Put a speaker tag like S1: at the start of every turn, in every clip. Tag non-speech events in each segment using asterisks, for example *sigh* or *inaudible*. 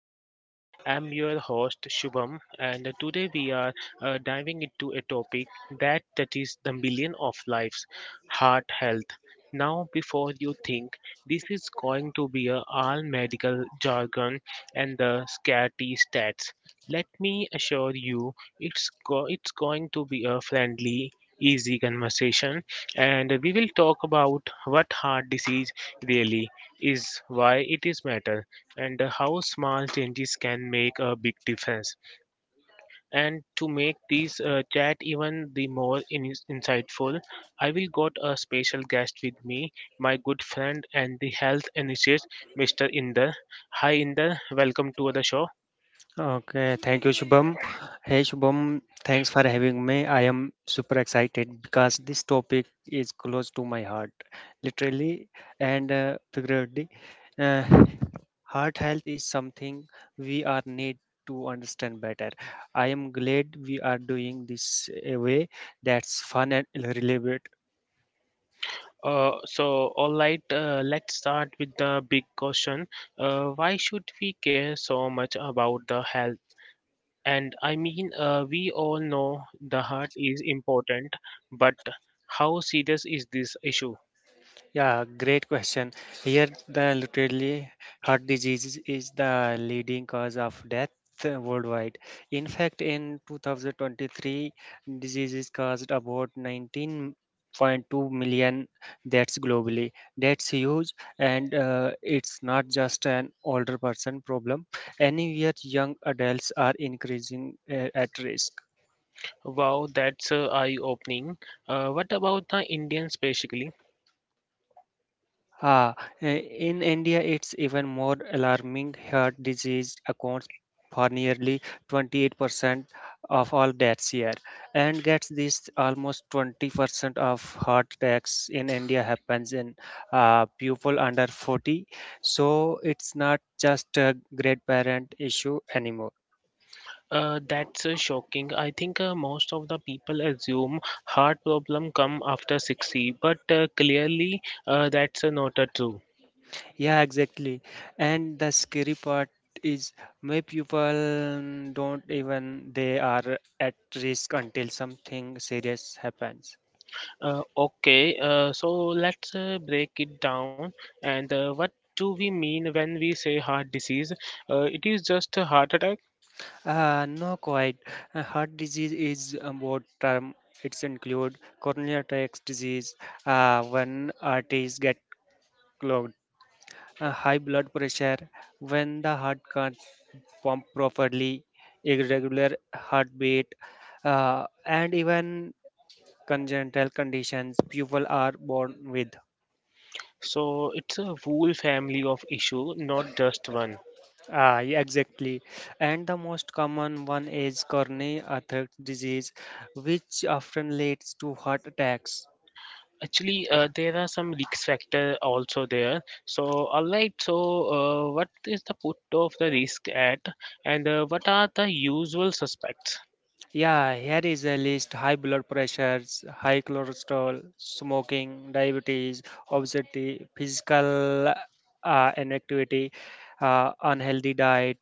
S1: podcast. I'm your host, Shubham, and today we are diving into a topic that touches the million of lives. Heart health. Now, before you think this is going to be a all medical jargon and the scary stats, let me assure you it's going to be a friendly, easy conversation, and we will talk about what heart disease really is, why it is matter, and how small changes can make a big difference. And to make this chat even the more insightful, I will got a special guest with me, my good friend and the health enthusiast, Mr. Inder. Hi Inder, welcome to the show.
S2: Okay, thank you, Shubham. Hey, Shubham, thanks for having me. I am super excited because this topic is close to my heart, literally and figuratively. Uh, Heart health is something we are need to understand better. I am glad we are doing this a way that's fun and relevant.
S1: So, all right, let's start with the big question. Why should we care so much about the health? And I mean, we all know the heart is important, but how serious is this issue?
S2: Yeah, great question. Here, the literally heart disease is the leading cause of death worldwide. In fact, in 2023, diseases caused about 19.2 million deaths globally. That's huge, and it's not just an older person problem. Anywhere young adults are increasing at risk.
S1: Wow, that's eye-opening. What about the Indians specifically?
S2: Ah, in India, it's even more alarming. Heart disease accounts for nearly 28% of all deaths here, and gets this almost 20% of heart attacks in India happens in people under 40. So it's not just a grandparent issue anymore.
S1: That's shocking. I think most of the people assume heart problem come after 60, but clearly that's not true.
S2: Yeah, exactly. And the scary part is my people don't even they are at risk until something serious happens.
S1: Okay, so let's break it down. And what do we mean when we say heart disease? It is just a heart attack?
S2: No, quite. Heart disease is a broad term. It's include coronary artery disease when arteries get clogged, high blood pressure when the heart can't pump properly, irregular heartbeat, and even congenital conditions people are born with.
S1: So it's a whole family of issue, not just one.
S2: Yeah, exactly. And the most common one is coronary artery disease, which often leads to heart attacks.
S1: Actually, there are some risk factor also there. So, all right. So, what is the put of the risk at, and what are the usual suspects?
S2: Yeah, here is a list high blood pressures, high cholesterol, smoking, diabetes, obesity, physical inactivity, unhealthy diet,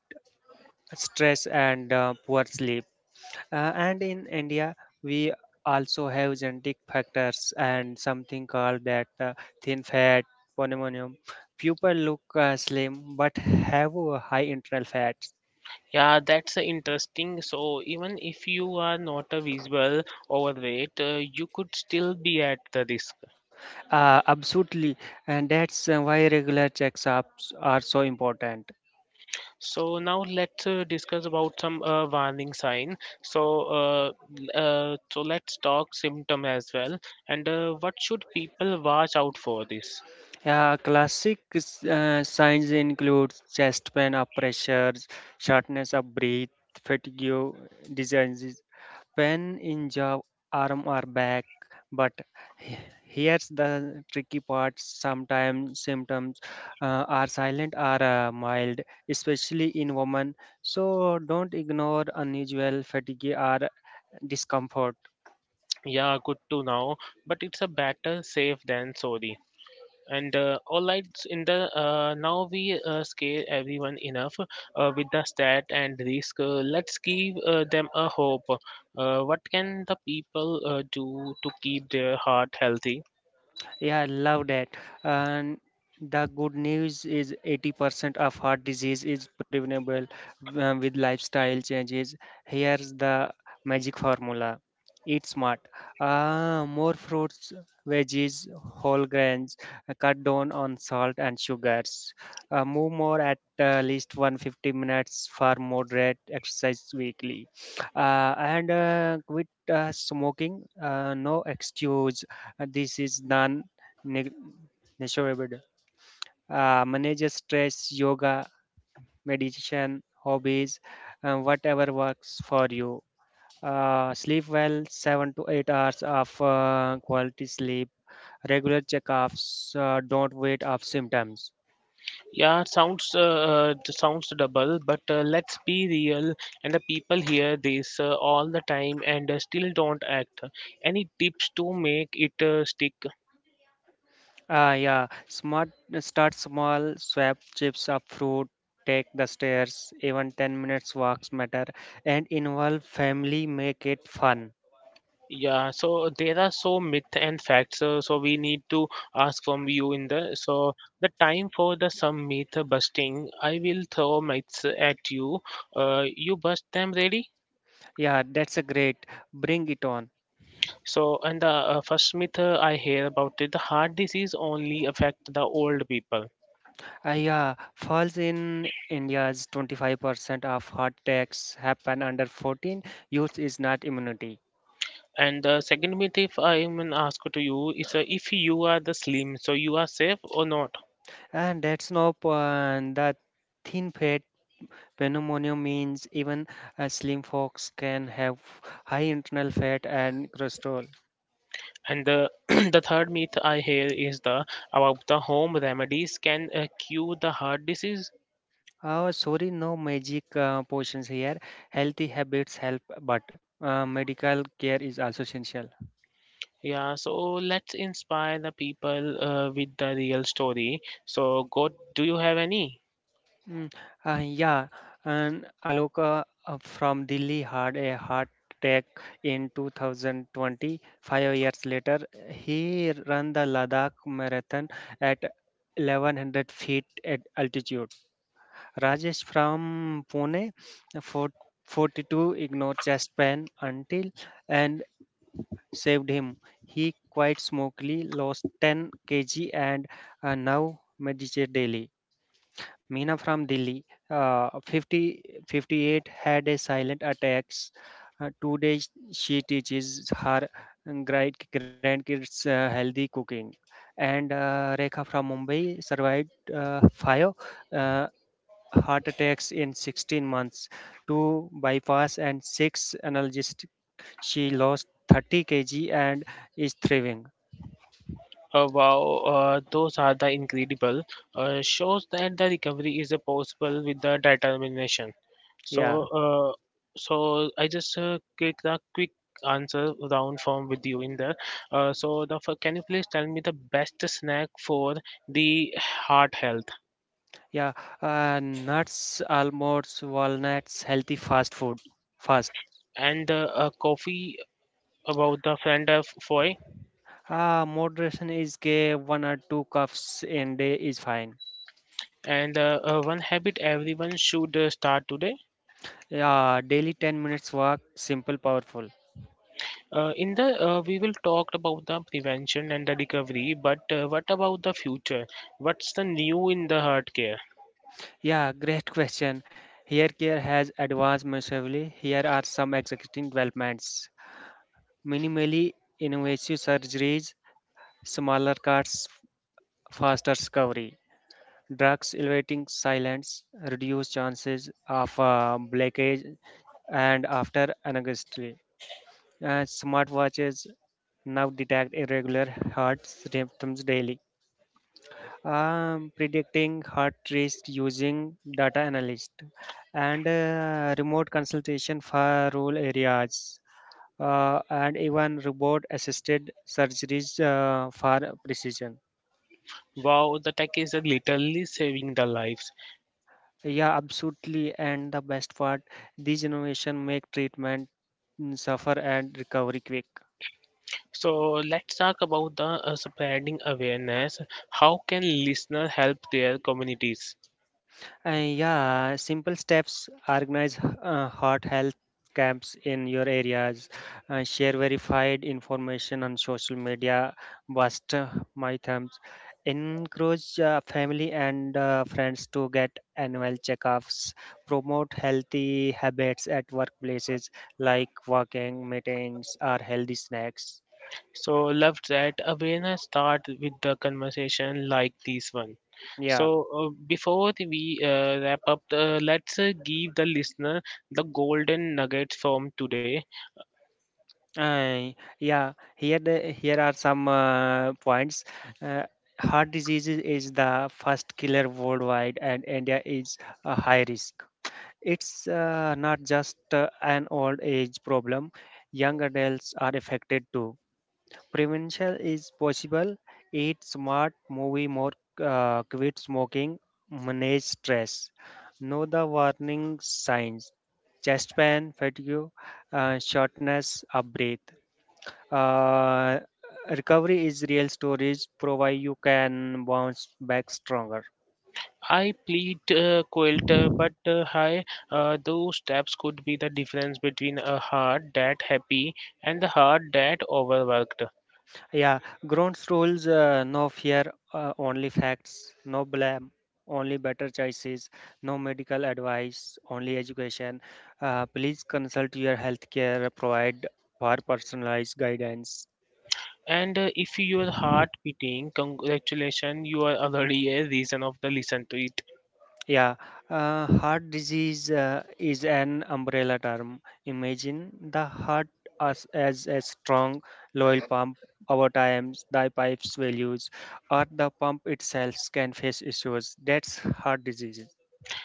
S2: stress, and poor sleep. And in India, we also have genetic factors and something called that thin fat pneumonia. People look slim but have a high internal fat.
S1: Yeah, that's interesting. So, even if you are not a visible overweight, you could still be at the risk.
S2: Absolutely, and that's why regular checkups are so important.
S1: So now let's discuss about some warning sign. So let's talk symptom as well. And what should people watch out for this?
S2: Classic signs include chest pain, up pressures, shortness of breath, fatigue, diseases Pen in job arm are back, but he- here's the tricky part. Sometimes symptoms are silent or mild, especially in women. So don't ignore unusual fatigue or discomfort.
S1: Yeah, good to know. But it's a better safe than sorry. And all right, s- in the now we scare everyone enough with the stat and risk. Let's give them a hope. What can the people do to keep their heart healthy?
S2: Yeah, I love that. And the good news is 80% of heart disease is preventable with lifestyle changes. Here's the magic formula. Eat smart. More fruits, veggies, whole grains. Cut down on salt and sugars. Move more at least 150 minutes for moderate exercise weekly. And quit smoking. No excuse. This is done neg- negotiable. Manage your stress, yoga, meditation, hobbies, whatever works for you. Sleep well, 7 to 8 hours of quality sleep. Regular checkups. Don't wait up symptoms.
S1: Yeah, sounds sounds double, but let's be real. And the people hear this all the time and still don't act. Any tips to make it stick?
S2: Yeah, smart. Start small. Swap chips of fruit. Take the stairs. Even 10 minutes walks matter. And involve family. Make it fun.
S1: Yeah, so there are so myth and facts. So we need to ask from you in the so the time for the some myth busting. I will throw myths at you. You bust them, ready?
S2: Yeah, that's a great. Bring it on.
S1: So and the first myth, I hear about it, the heart disease only affect the old people.
S2: Yeah, falls in India's 25% of heart attacks happen under 14. Youth is not immunity.
S1: And the second myth, if I'm gonna ask to you, is, if you are the slim, so you are safe or not.
S2: And that's no and the thin fat pneumonia means even slim folks can have high internal fat and cholesterol.
S1: And the *clears throat* the third myth I hear is the about the home remedies can cure the heart disease.
S2: Oh, sorry, no magic potions here. Healthy habits help, but medical care is also essential.
S1: Yeah, so let's inspire the people with the real story. So, God, do you have any?
S2: Mm, yeah, and Aloka from Delhi had a heart attack in 2020. 5 years later, he ran the Ladakh Marathon at 1100 feet at altitude. Rajesh from Pune, for 42, ignored chest pain until and saved him. He quite smoothly lost 10 kg and now meditates daily. Meena from Delhi, 50, 58, had a silent attacks. Today, she teaches her grandkids healthy cooking. And Rekha from Mumbai survived five uh, heart attacks in 16 months, two bypass and six analgesic. She lost 30 kg and is thriving.
S1: Wow, those are the incredible. Shows that the recovery is possible with the determination.
S2: Yeah,
S1: So, uh, so I just quick the quick answer round form with you in there. So the can you please tell me the best snack for the heart health?
S2: yeah. Nuts, almonds, walnuts, healthy fast food. Fast.
S1: And a coffee about the friend of foy?
S2: Moderation is gay, one or two cups in day is fine.
S1: And one habit everyone should start today?
S2: Yeah, daily 10 minutes walk, simple, powerful.
S1: In the we will talk about the prevention and the recovery, but what about the future? What's the new in the heart care?
S2: Yeah, great question. Hair care has advanced massively. Here are some exciting developments. Minimally invasive surgeries, smaller cuts, faster recovery. Drugs elevating silence, reduce chances of blackage and after anesthesia. Smartwatches now detect irregular heart rhythms daily. Predicting heart rate using data analyst and remote consultation for rural areas and even robot assisted surgeries for precision.
S1: Wow, the tech is literally saving the lives.
S2: Yeah, absolutely. And the best part, these innovation make treatment suffer and recovery quick.
S1: So let's talk about the spreading awareness. How can listeners help their communities?
S2: Yeah, simple steps. Organize heart health camps in your areas. Share verified information on social media. Bust my thumbs. Encourage family and friends to get annual checkups. Promote healthy habits at workplaces like walking, meetings, or healthy snacks.
S1: So love that awareness start with the conversation like this one.
S2: Yeah.
S1: So before we wrap up, let's give the listener the golden nuggets from today.
S2: Uh, yeah, here are some points. Uh, Heart disease is the first killer worldwide, and India is a high risk. It's not just an old age problem; young adults are affected too. Prevention is possible. Eat smart, move more, quit smoking, manage stress. Know the warning signs: chest pain, fatigue, shortness of breath, uh, recovery is real storage, provide you can bounce back stronger.
S1: I plead quilt, but high. Those steps could be the difference between a heart that happy and the heart that overworked.
S2: Yeah, ground rules, no fear, only facts, no blame, only better choices, no medical advice, only education. Please consult your healthcare provider for personalized guidance.
S1: And if your heart beating, congratulations, you are already a reason of the listen to it.
S2: Yeah, heart disease is an umbrella term. Imagine the heart as a strong, loyal pump. Over time, the pipe's values or the pump itself can face issues. That's heart disease.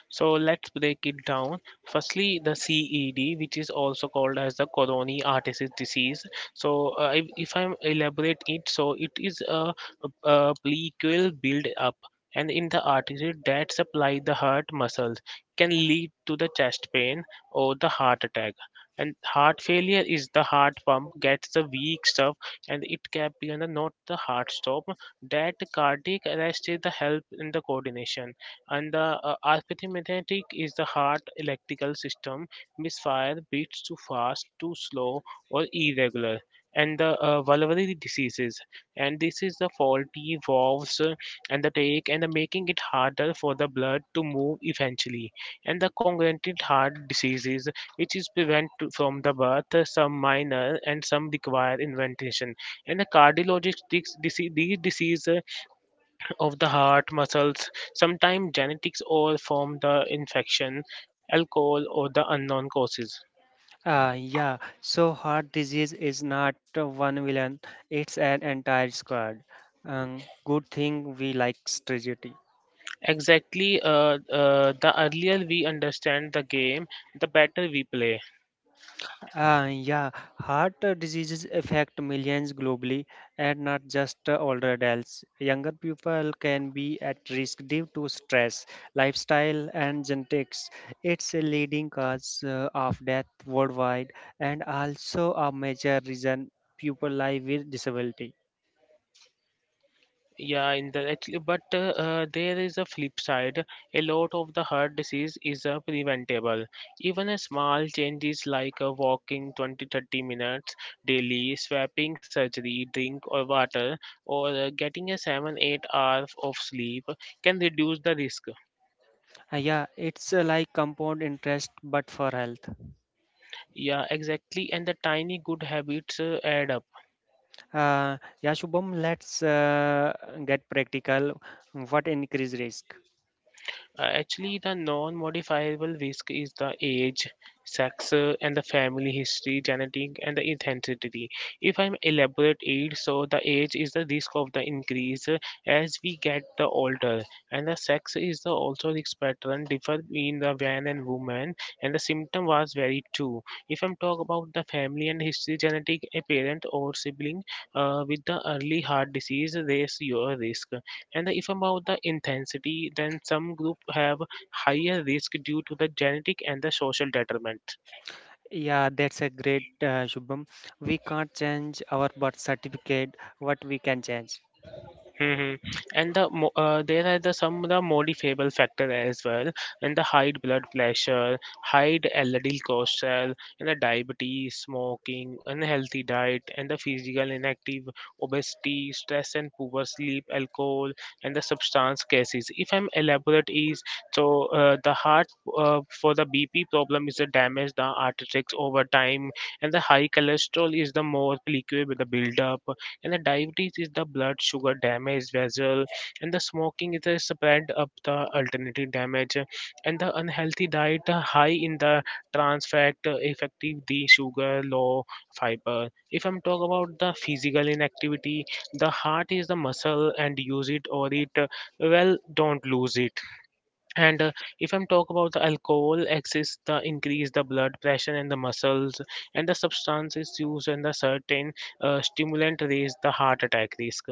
S1: So let's break it down. Firstly, the CED, which is also called as the coronary artery disease. So if I elaborate it, so it is a plaque build up. And in the artery that supply the heart muscles can lead to the chest pain or the heart attack. And heart failure is the heart pump gets the weak stuff, and it can be and not the heart stop. That cardiac arrest is the help in the coordination, and the arithmetic is the heart electrical system misfire beats too fast, too slow, or irregular. And the vulnerary diseases, and this is the faulty valves, and the take and the making it harder for the blood to move eventually. And the congenital heart diseases, which is prevent from the birth, some minor and some require inventation. And the cardiologic these diseases of the heart muscles, sometimes genetics or from the infection, alcohol, or the unknown causes.
S2: Yeah, so heart disease is not one villain, it's an entire squad. Um, Good thing we like strategy.
S1: Exactly, the earlier we understand the game, the better we play.
S2: Yeah, heart diseases affect millions globally and not just older adults. Younger people can be at risk due to stress, lifestyle, and genetics. It's a leading cause of death worldwide and also a major reason people live with disability.
S1: Yeah, in the actually, but there is a flip side. A lot of the heart disease is preventable. Even a small changes like walking 20 30 minutes daily, swapping surgery, drink or water, or getting a 7 8 hours of sleep can reduce the risk.
S2: Yeah, it's like compound interest but for health.
S1: Yeah, exactly. And the tiny good habits add up.
S2: Uh, yeah, Shubham, let's get practical. What increase risk?
S1: Actually, the non modifiable risk is the age, sex, and the family history, genetic, and the intensity. If I'm elaborate it, so the age is the risk of the increase, as we get the older, and the sex is the also risk pattern differ between the man and woman, and the symptom was very too. If I'm talk about the family and history, genetic, a parent or sibling with the early heart disease, raise your risk. And if about the intensity, then some group have higher risk due to the genetic and the social determinant.
S2: Yeah, that's a great Shubham. We can't change our birth certificate. What we can change?
S1: Hmm. And the there are the some of the modifiable factor as well, and the high blood pressure, high LDL cholesterol, and the diabetes, smoking, unhealthy diet, and the physical inactive, obesity, stress and poor sleep, alcohol, and the substance cases. If I'm elaborate is, so the heart, for the BP problem is the damage the arteries over time. And the high cholesterol is the more liquid with the buildup. And the diabetes is the blood sugar damage vessel. And the smoking is the spread of the alternative damage, and the unhealthy diet, high in the trans fat, effective the sugar low fiber. If I'm talk about the physical inactivity, the heart is the muscle, and use it or it, well, don't lose it. And if I'm talk about the alcohol exists, the increase the blood pressure and the muscles. And the substances used and the certain stimulant raise the heart attack risk.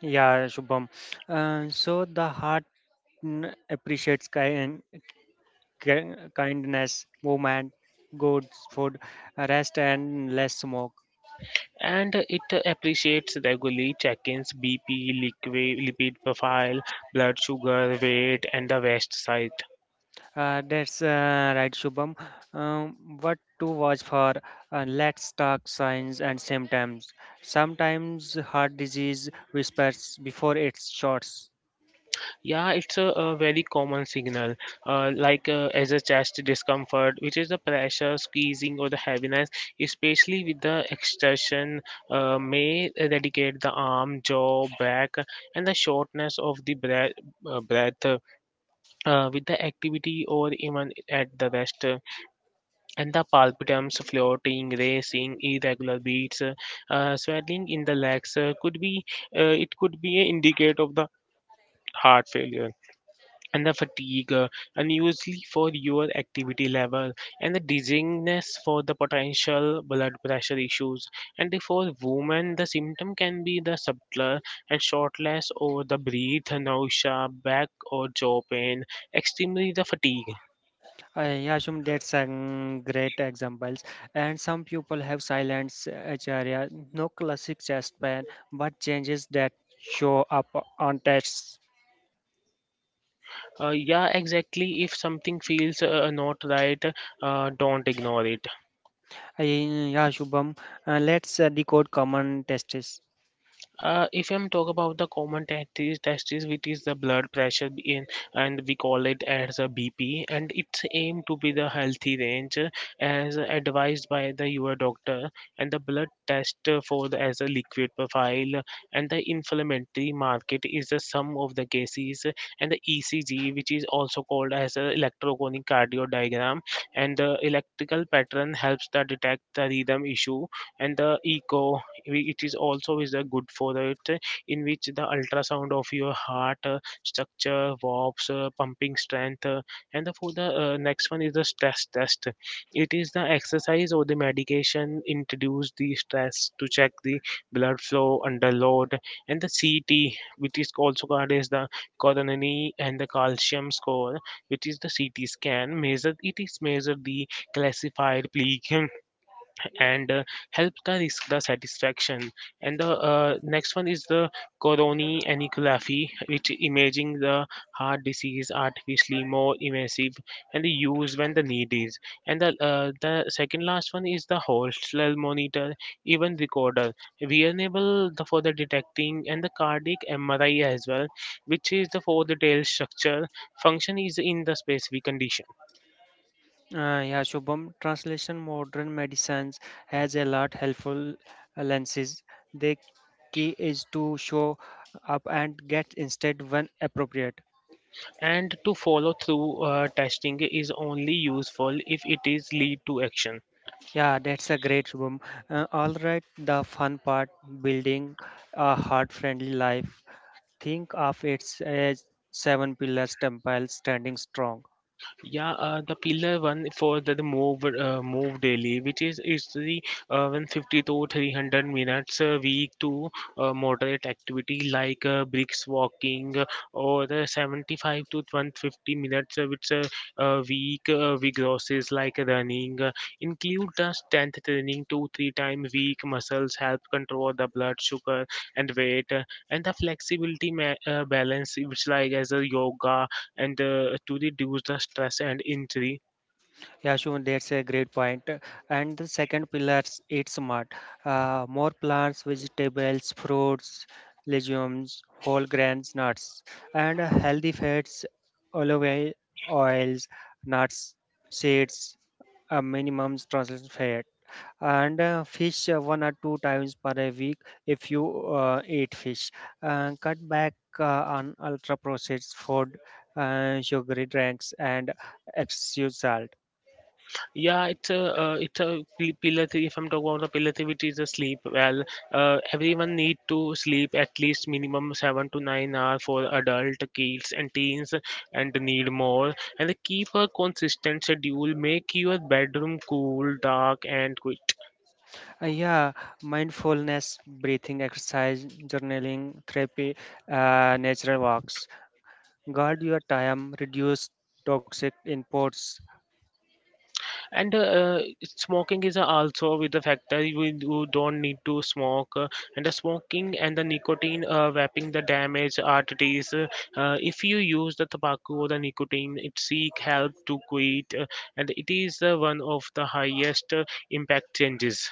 S2: Yeah, Shubham. So the heart appreciates kindness, movement, good food, rest, and less smoke.
S1: And it appreciates regularly check-ins, BP, liquid lipid profile, blood sugar, weight, and the waist size.
S2: That's right, Shubham. Um, what to watch for? Let's talk signs and symptoms. Sometimes heart disease whispers before it starts.
S1: Yeah, it's a very common signal, like as a chest discomfort, which is the pressure, squeezing, or the heaviness, especially with the extension, may eradicate the arm, jaw, back, and the shortness of the breath with the activity or even at the rest, and the palpitums, floating, racing, irregular beats, swelling in the legs, could be, it could be an indicator of the heart failure, and the fatigue, unusually for your activity level, and the dizziness for the potential blood pressure issues. And for women, the symptom can be the subtler, and shortness or the breath, nausea, back or jaw pain, extremely the fatigue.
S2: Yeah, Shum, that's a great examples. And some people have silence acharya, no classic chest pain, but changes that show up on tests.
S1: Yeah, exactly. If something feels not right, don't ignore it.
S2: Yeah, Shubham, let's decode common tests.
S1: If I'm talk about the common testis which is the blood pressure in, and we call it as a BP, and it's aimed to be the healthy range as advised by the your doctor, and the blood test for the as a liquid profile, and the inflammatory market is the sum of the cases, and the ECG which is also called as a electroconic cardio diagram, and the electrical pattern helps to detect the rhythm issue, and the echo it is also is a good for it in which the ultrasound of your heart structure warps pumping strength and the, for the next one is the stress test it is the exercise or the medication introduce the stress to check the blood flow under load, and the ct which is also called as the coronary and the calcium score, which is the ct scan measure it is measure the classified plaque *laughs* and help the risk the satisfaction. And the next one is the coronary angiography, which imaging the heart disease artificially more invasive and the use when the need is. And the second last one is the Holter monitor, even recorder, wearable the, for the detecting and the cardiac MRI as well, which is the for the tail structure function is in the specific condition.
S2: Yeah, Shubham, translation modern medicines has a lot helpful lenses. The key is to show up and get instead when appropriate.
S1: And to follow through testing is only useful if it is lead to action.
S2: Yeah, that's a great Shubham. All right, the fun part building a heart friendly life. Think of it as seven pillars temple standing strong.
S1: Yeah, the pillar one for the move move daily, which is the 150 to 300 minutes a week to moderate activity like bricks walking or the 75 to 150 minutes which week vigorous like running. Include the strength training two three times week. Muscles help control the blood sugar and weight, and the flexibility balance which like as a yoga, and to reduce the stress and injury.
S2: Yeah, Shubham, that's a great point. And the second pillar eat smart. More plants, vegetables, fruits, legumes, whole grains, nuts, and healthy fats, olive oils, nuts, seeds, a minimum trans fat. And fish one or two times per a week if you eat fish. Cut back on ultra processed food, sugary drinks, and excessive salt.
S1: Yeah, it's pillar three. If I'm talking about the pillar three, which is the sleep. Well, everyone need to sleep at least minimum 7 to 9 hours for adult kids and teens, and need more. And keep a consistent schedule. Make your bedroom cool, dark, and
S2: Yeah, mindfulness, breathing exercise, journaling, therapy, natural walks, guard your time, reduce toxic inputs.
S1: and uh, uh, smoking is also with the factor, you don't need to smoke, and the smoking and the nicotine wrapping the damage arteries. If you use the tobacco or the nicotine it seek help to quit, and it is one of the highest impact changes.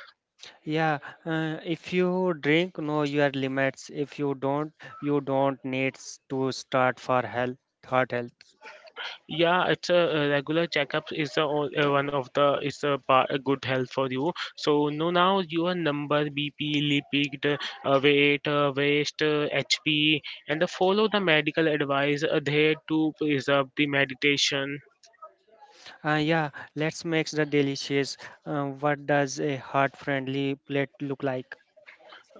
S2: Yeah, if you drink know your limits. If you don't, you don't need to start for health heart health.
S1: Yeah, it's a regular checkup is a, one of the is a, a good health for you. So know now your number, BP, lipid, weight, waist, HP, and the follow the medical advice there to preserve the meditation.
S2: Yeah, let's make the delicious. What does a heart-friendly plate look like?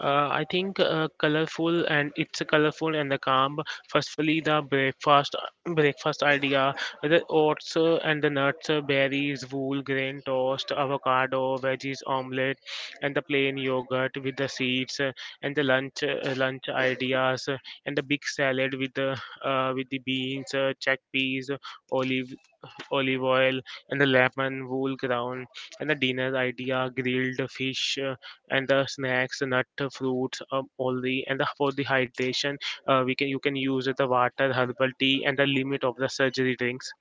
S1: I think colorful, and it's a colorful and the calm. Firstly, the breakfast idea: the oats and the nuts, berries, wool, grain toast, avocado, veggies, omelette, and the plain yogurt with the seeds, and the lunch ideas, and the big salad with the beans, chickpeas, olive olive oil, and the lemon wool ground, and the dinner idea grilled fish, and the snacks, nut fruits, all the for the hydration, we can you can use the water, herbal tea, and the limit of the surgery drinks.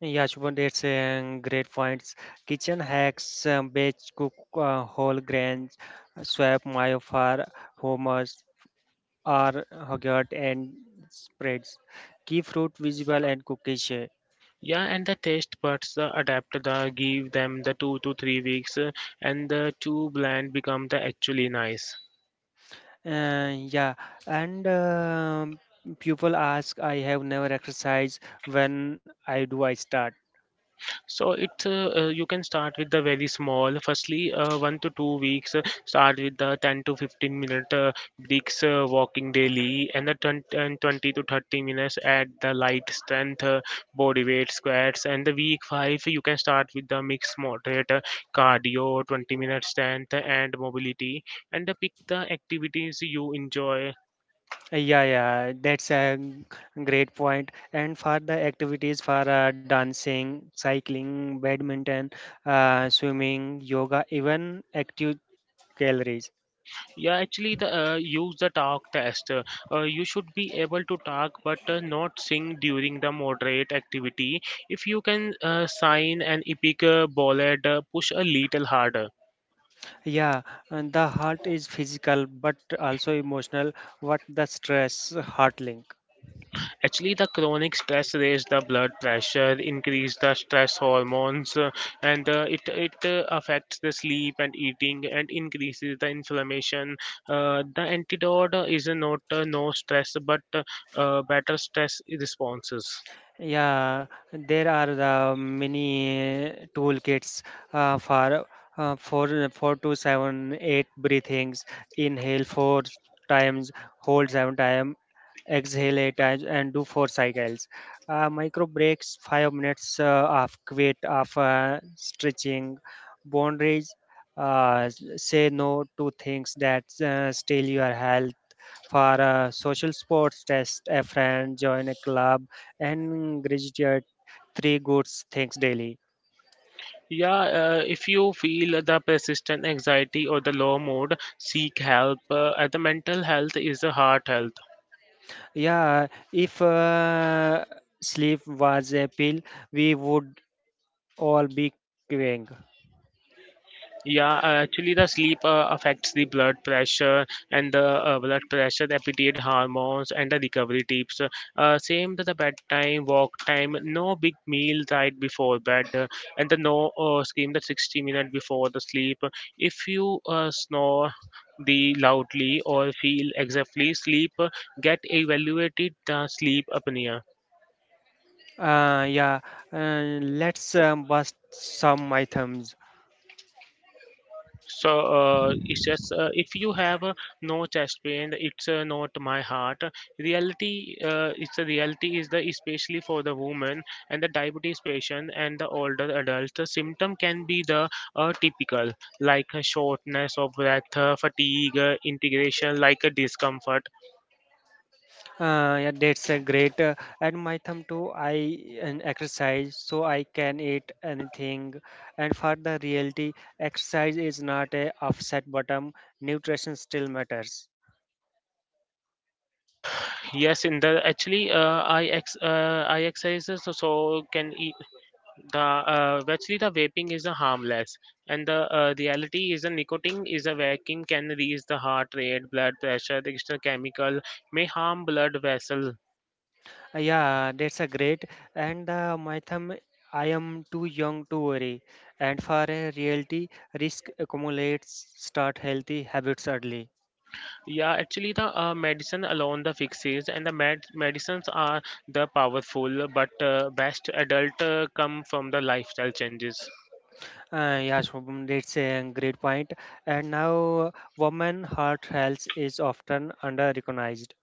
S2: Yeah, Shubham, that's a great points. Kitchen hacks, batch cook whole grains, swap myofar, hummus, or yogurt and spreads. Keep fruit visible and cookies.
S1: Yeah, and the taste buds adapt the give them the 2 to 3 weeks, and the two blend become the actually nice.
S2: Yeah, and people ask, I have never exercised. When I do, I start.
S1: So it's you can start with the very small. Firstly, 1 to 2 weeks. Start with the 10 to 15 minute breaks walking daily, and the 20, and 20 to 30 minutes at the light strength body weight squats. And the week five, you can start with the mix moderate cardio, 20 minute strength and mobility, and pick the activities you enjoy.
S2: Yeah, yeah, that's a great point. And for the activities for dancing, cycling, badminton, swimming, yoga, even active calories.
S1: Yeah, actually, the use the talk test. You should be able to talk but not sing during the moderate activity. If you can sign an epic bullet, push a little harder.
S2: Yeah, and the heart is physical but also emotional. What the stress heart link?
S1: Actually, the chronic stress raise the blood pressure, increase the stress hormones, and it it affects the sleep and eating, and increases the inflammation. The antidote is not no stress, but better stress responses.
S2: Yeah, there are the many toolkits for four to seven, eight breathings. Inhale four times, hold seven times, exhale eight times, and do four cycles. Micro breaks, 5 minutes of weight of stretching. Boundaries, say no to things that steal your health. For social sports, test a friend, join a club, and graduate three good things daily.
S1: Yeah, if you feel the persistent anxiety or the low mood, seek help. The mental health is a heart health.
S2: Yeah, if sleep was a pill, we would all be queuing.
S1: Yeah, actually, the sleep affects the blood pressure and the blood pressure, the appetite hormones, and the recovery tips. Same to the bedtime, walk time, no big meal right before bed, and the no scream the 60 minutes before the sleep. If you snore the loudly or feel exactly sleep, get evaluated the sleep apnea.
S2: Yeah, let's bust some my thumbs.
S1: So it's just, if you have no chest pain, it's not my heart. Reality, it's a reality is the especially for the woman and the diabetes patient and the older adult. The symptom can be the typical like a shortness of breath, fatigue, integration, like a discomfort.
S2: Yeah, that's a great. And my thumb too, I an exercise so I can eat anything. And for the reality, exercise is not a offset bottom. Nutrition still matters.
S1: Yes, in the actually I exercise so so can e, the actually the vaping is a harmless, and the reality is a nicotine is a vacuum can raise the heart rate blood pressure, the external chemical may harm blood vessel.
S2: Yeah, that's a great. And my thumb, I am too young to worry. And for a reality, risk accumulates. Start healthy habits early.
S1: Yeah, actually the medicine alone the fixes, and the medicines are the powerful, but best adult come from the lifestyle changes.
S2: Yeah, Shobham, that's a great point. And now, women heart health is often under-recognized.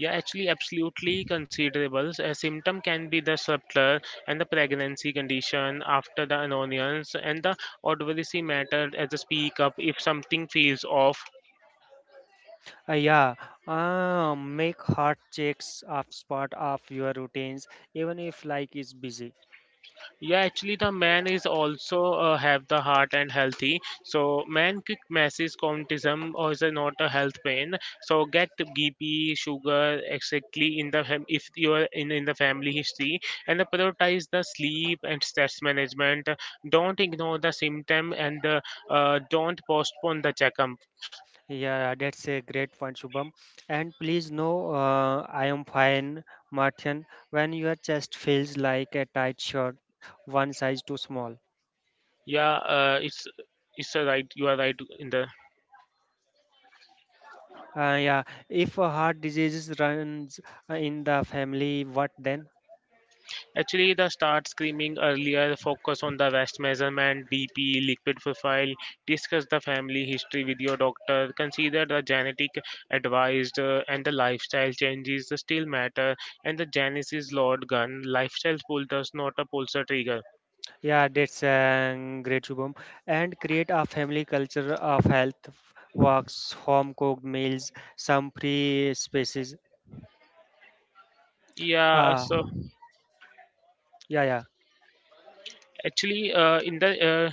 S1: Yeah, actually, absolutely considerable. A symptom can be the subtler, and the pregnancy condition after the annoyance, and the odorous matter, as a speak up if something feels off.
S2: Yeah, make heart checks of spot of your routines, even if like is busy.
S1: Yeah, actually, the man is also have the heart and healthy. So, man quick masses contism or is a not a health pain. So, get BP, sugar exactly in the if you are in the family history, and the prioritize the sleep and stress management. Don't ignore the symptom, and don't postpone the checkup.
S2: Yeah, that's a great point, Shubham. And please know, I am fine, Martin. When your chest feels like a tight shirt, one size too small.
S1: Yeah, it's a right. You are right in the.
S2: Yeah, if a heart disease runs in the family, what then?
S1: Actually, the start screaming earlier, focus on the West measurement, BP, liquid profile, discuss the family history with your doctor, consider the genetic advised, and the lifestyle changes still matter, and the Genesis Lord gun, lifestyle pull does not a pulsar trigger.
S2: Yeah, that's a great, Shubham. And create a family culture of health walks, home cooked meals, some free spaces.
S1: Yeah,
S2: Uh,
S1: so
S2: yeah,
S1: actually, in the,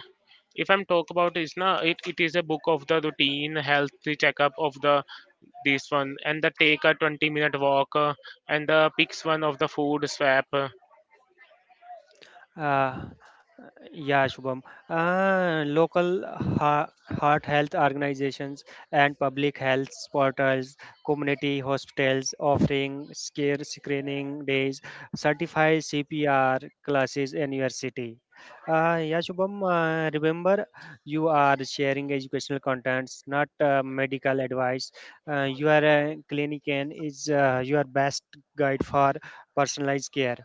S1: if I'm talk about is na, it is a book of the routine, healthy checkup of the this one, and the take a 20-minute walk, and the picks one of the food swap.
S2: yeah. Yeah, Shubham. Local heart health organizations and public health portals, community hospitals offering scare screening days, certified CPR classes in your city. Yeah, Shubham, remember you are sharing educational contents, not medical advice. Your clinician is your best guide for personalized care.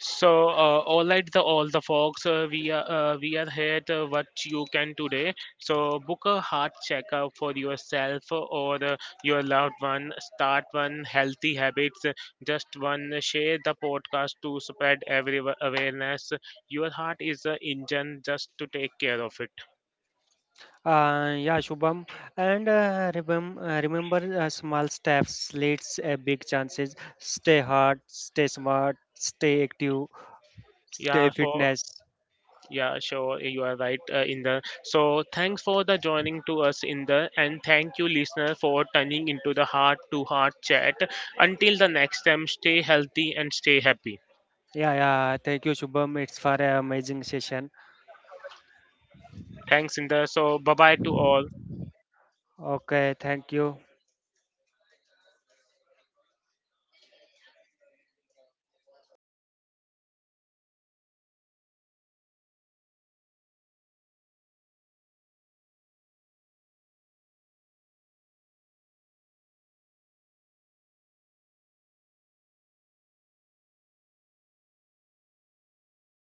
S1: So, all right, the all the folks, we are here to what you can today. So, book a heart checkup for yourself or your loved one. Start one healthy habits. Just one, share the podcast to spread every awareness. Your heart is the engine, just to take care of it.
S2: Yeah, Shubham, and remember small steps leads a big chances. Stay hard, stay smart, stay active, stay
S1: Yeah. For.
S2: fitness.
S1: Yeah, sure. You are right in the. So thanks for the joining to us in the, and thank you listener for turning into the heart to heart chat. Until the next time, stay healthy and stay happy.
S2: Yeah, yeah. Thank you, Shubham. It's for an amazing session.
S1: Thanks in the. So bye bye to all.
S2: Okay, thank you.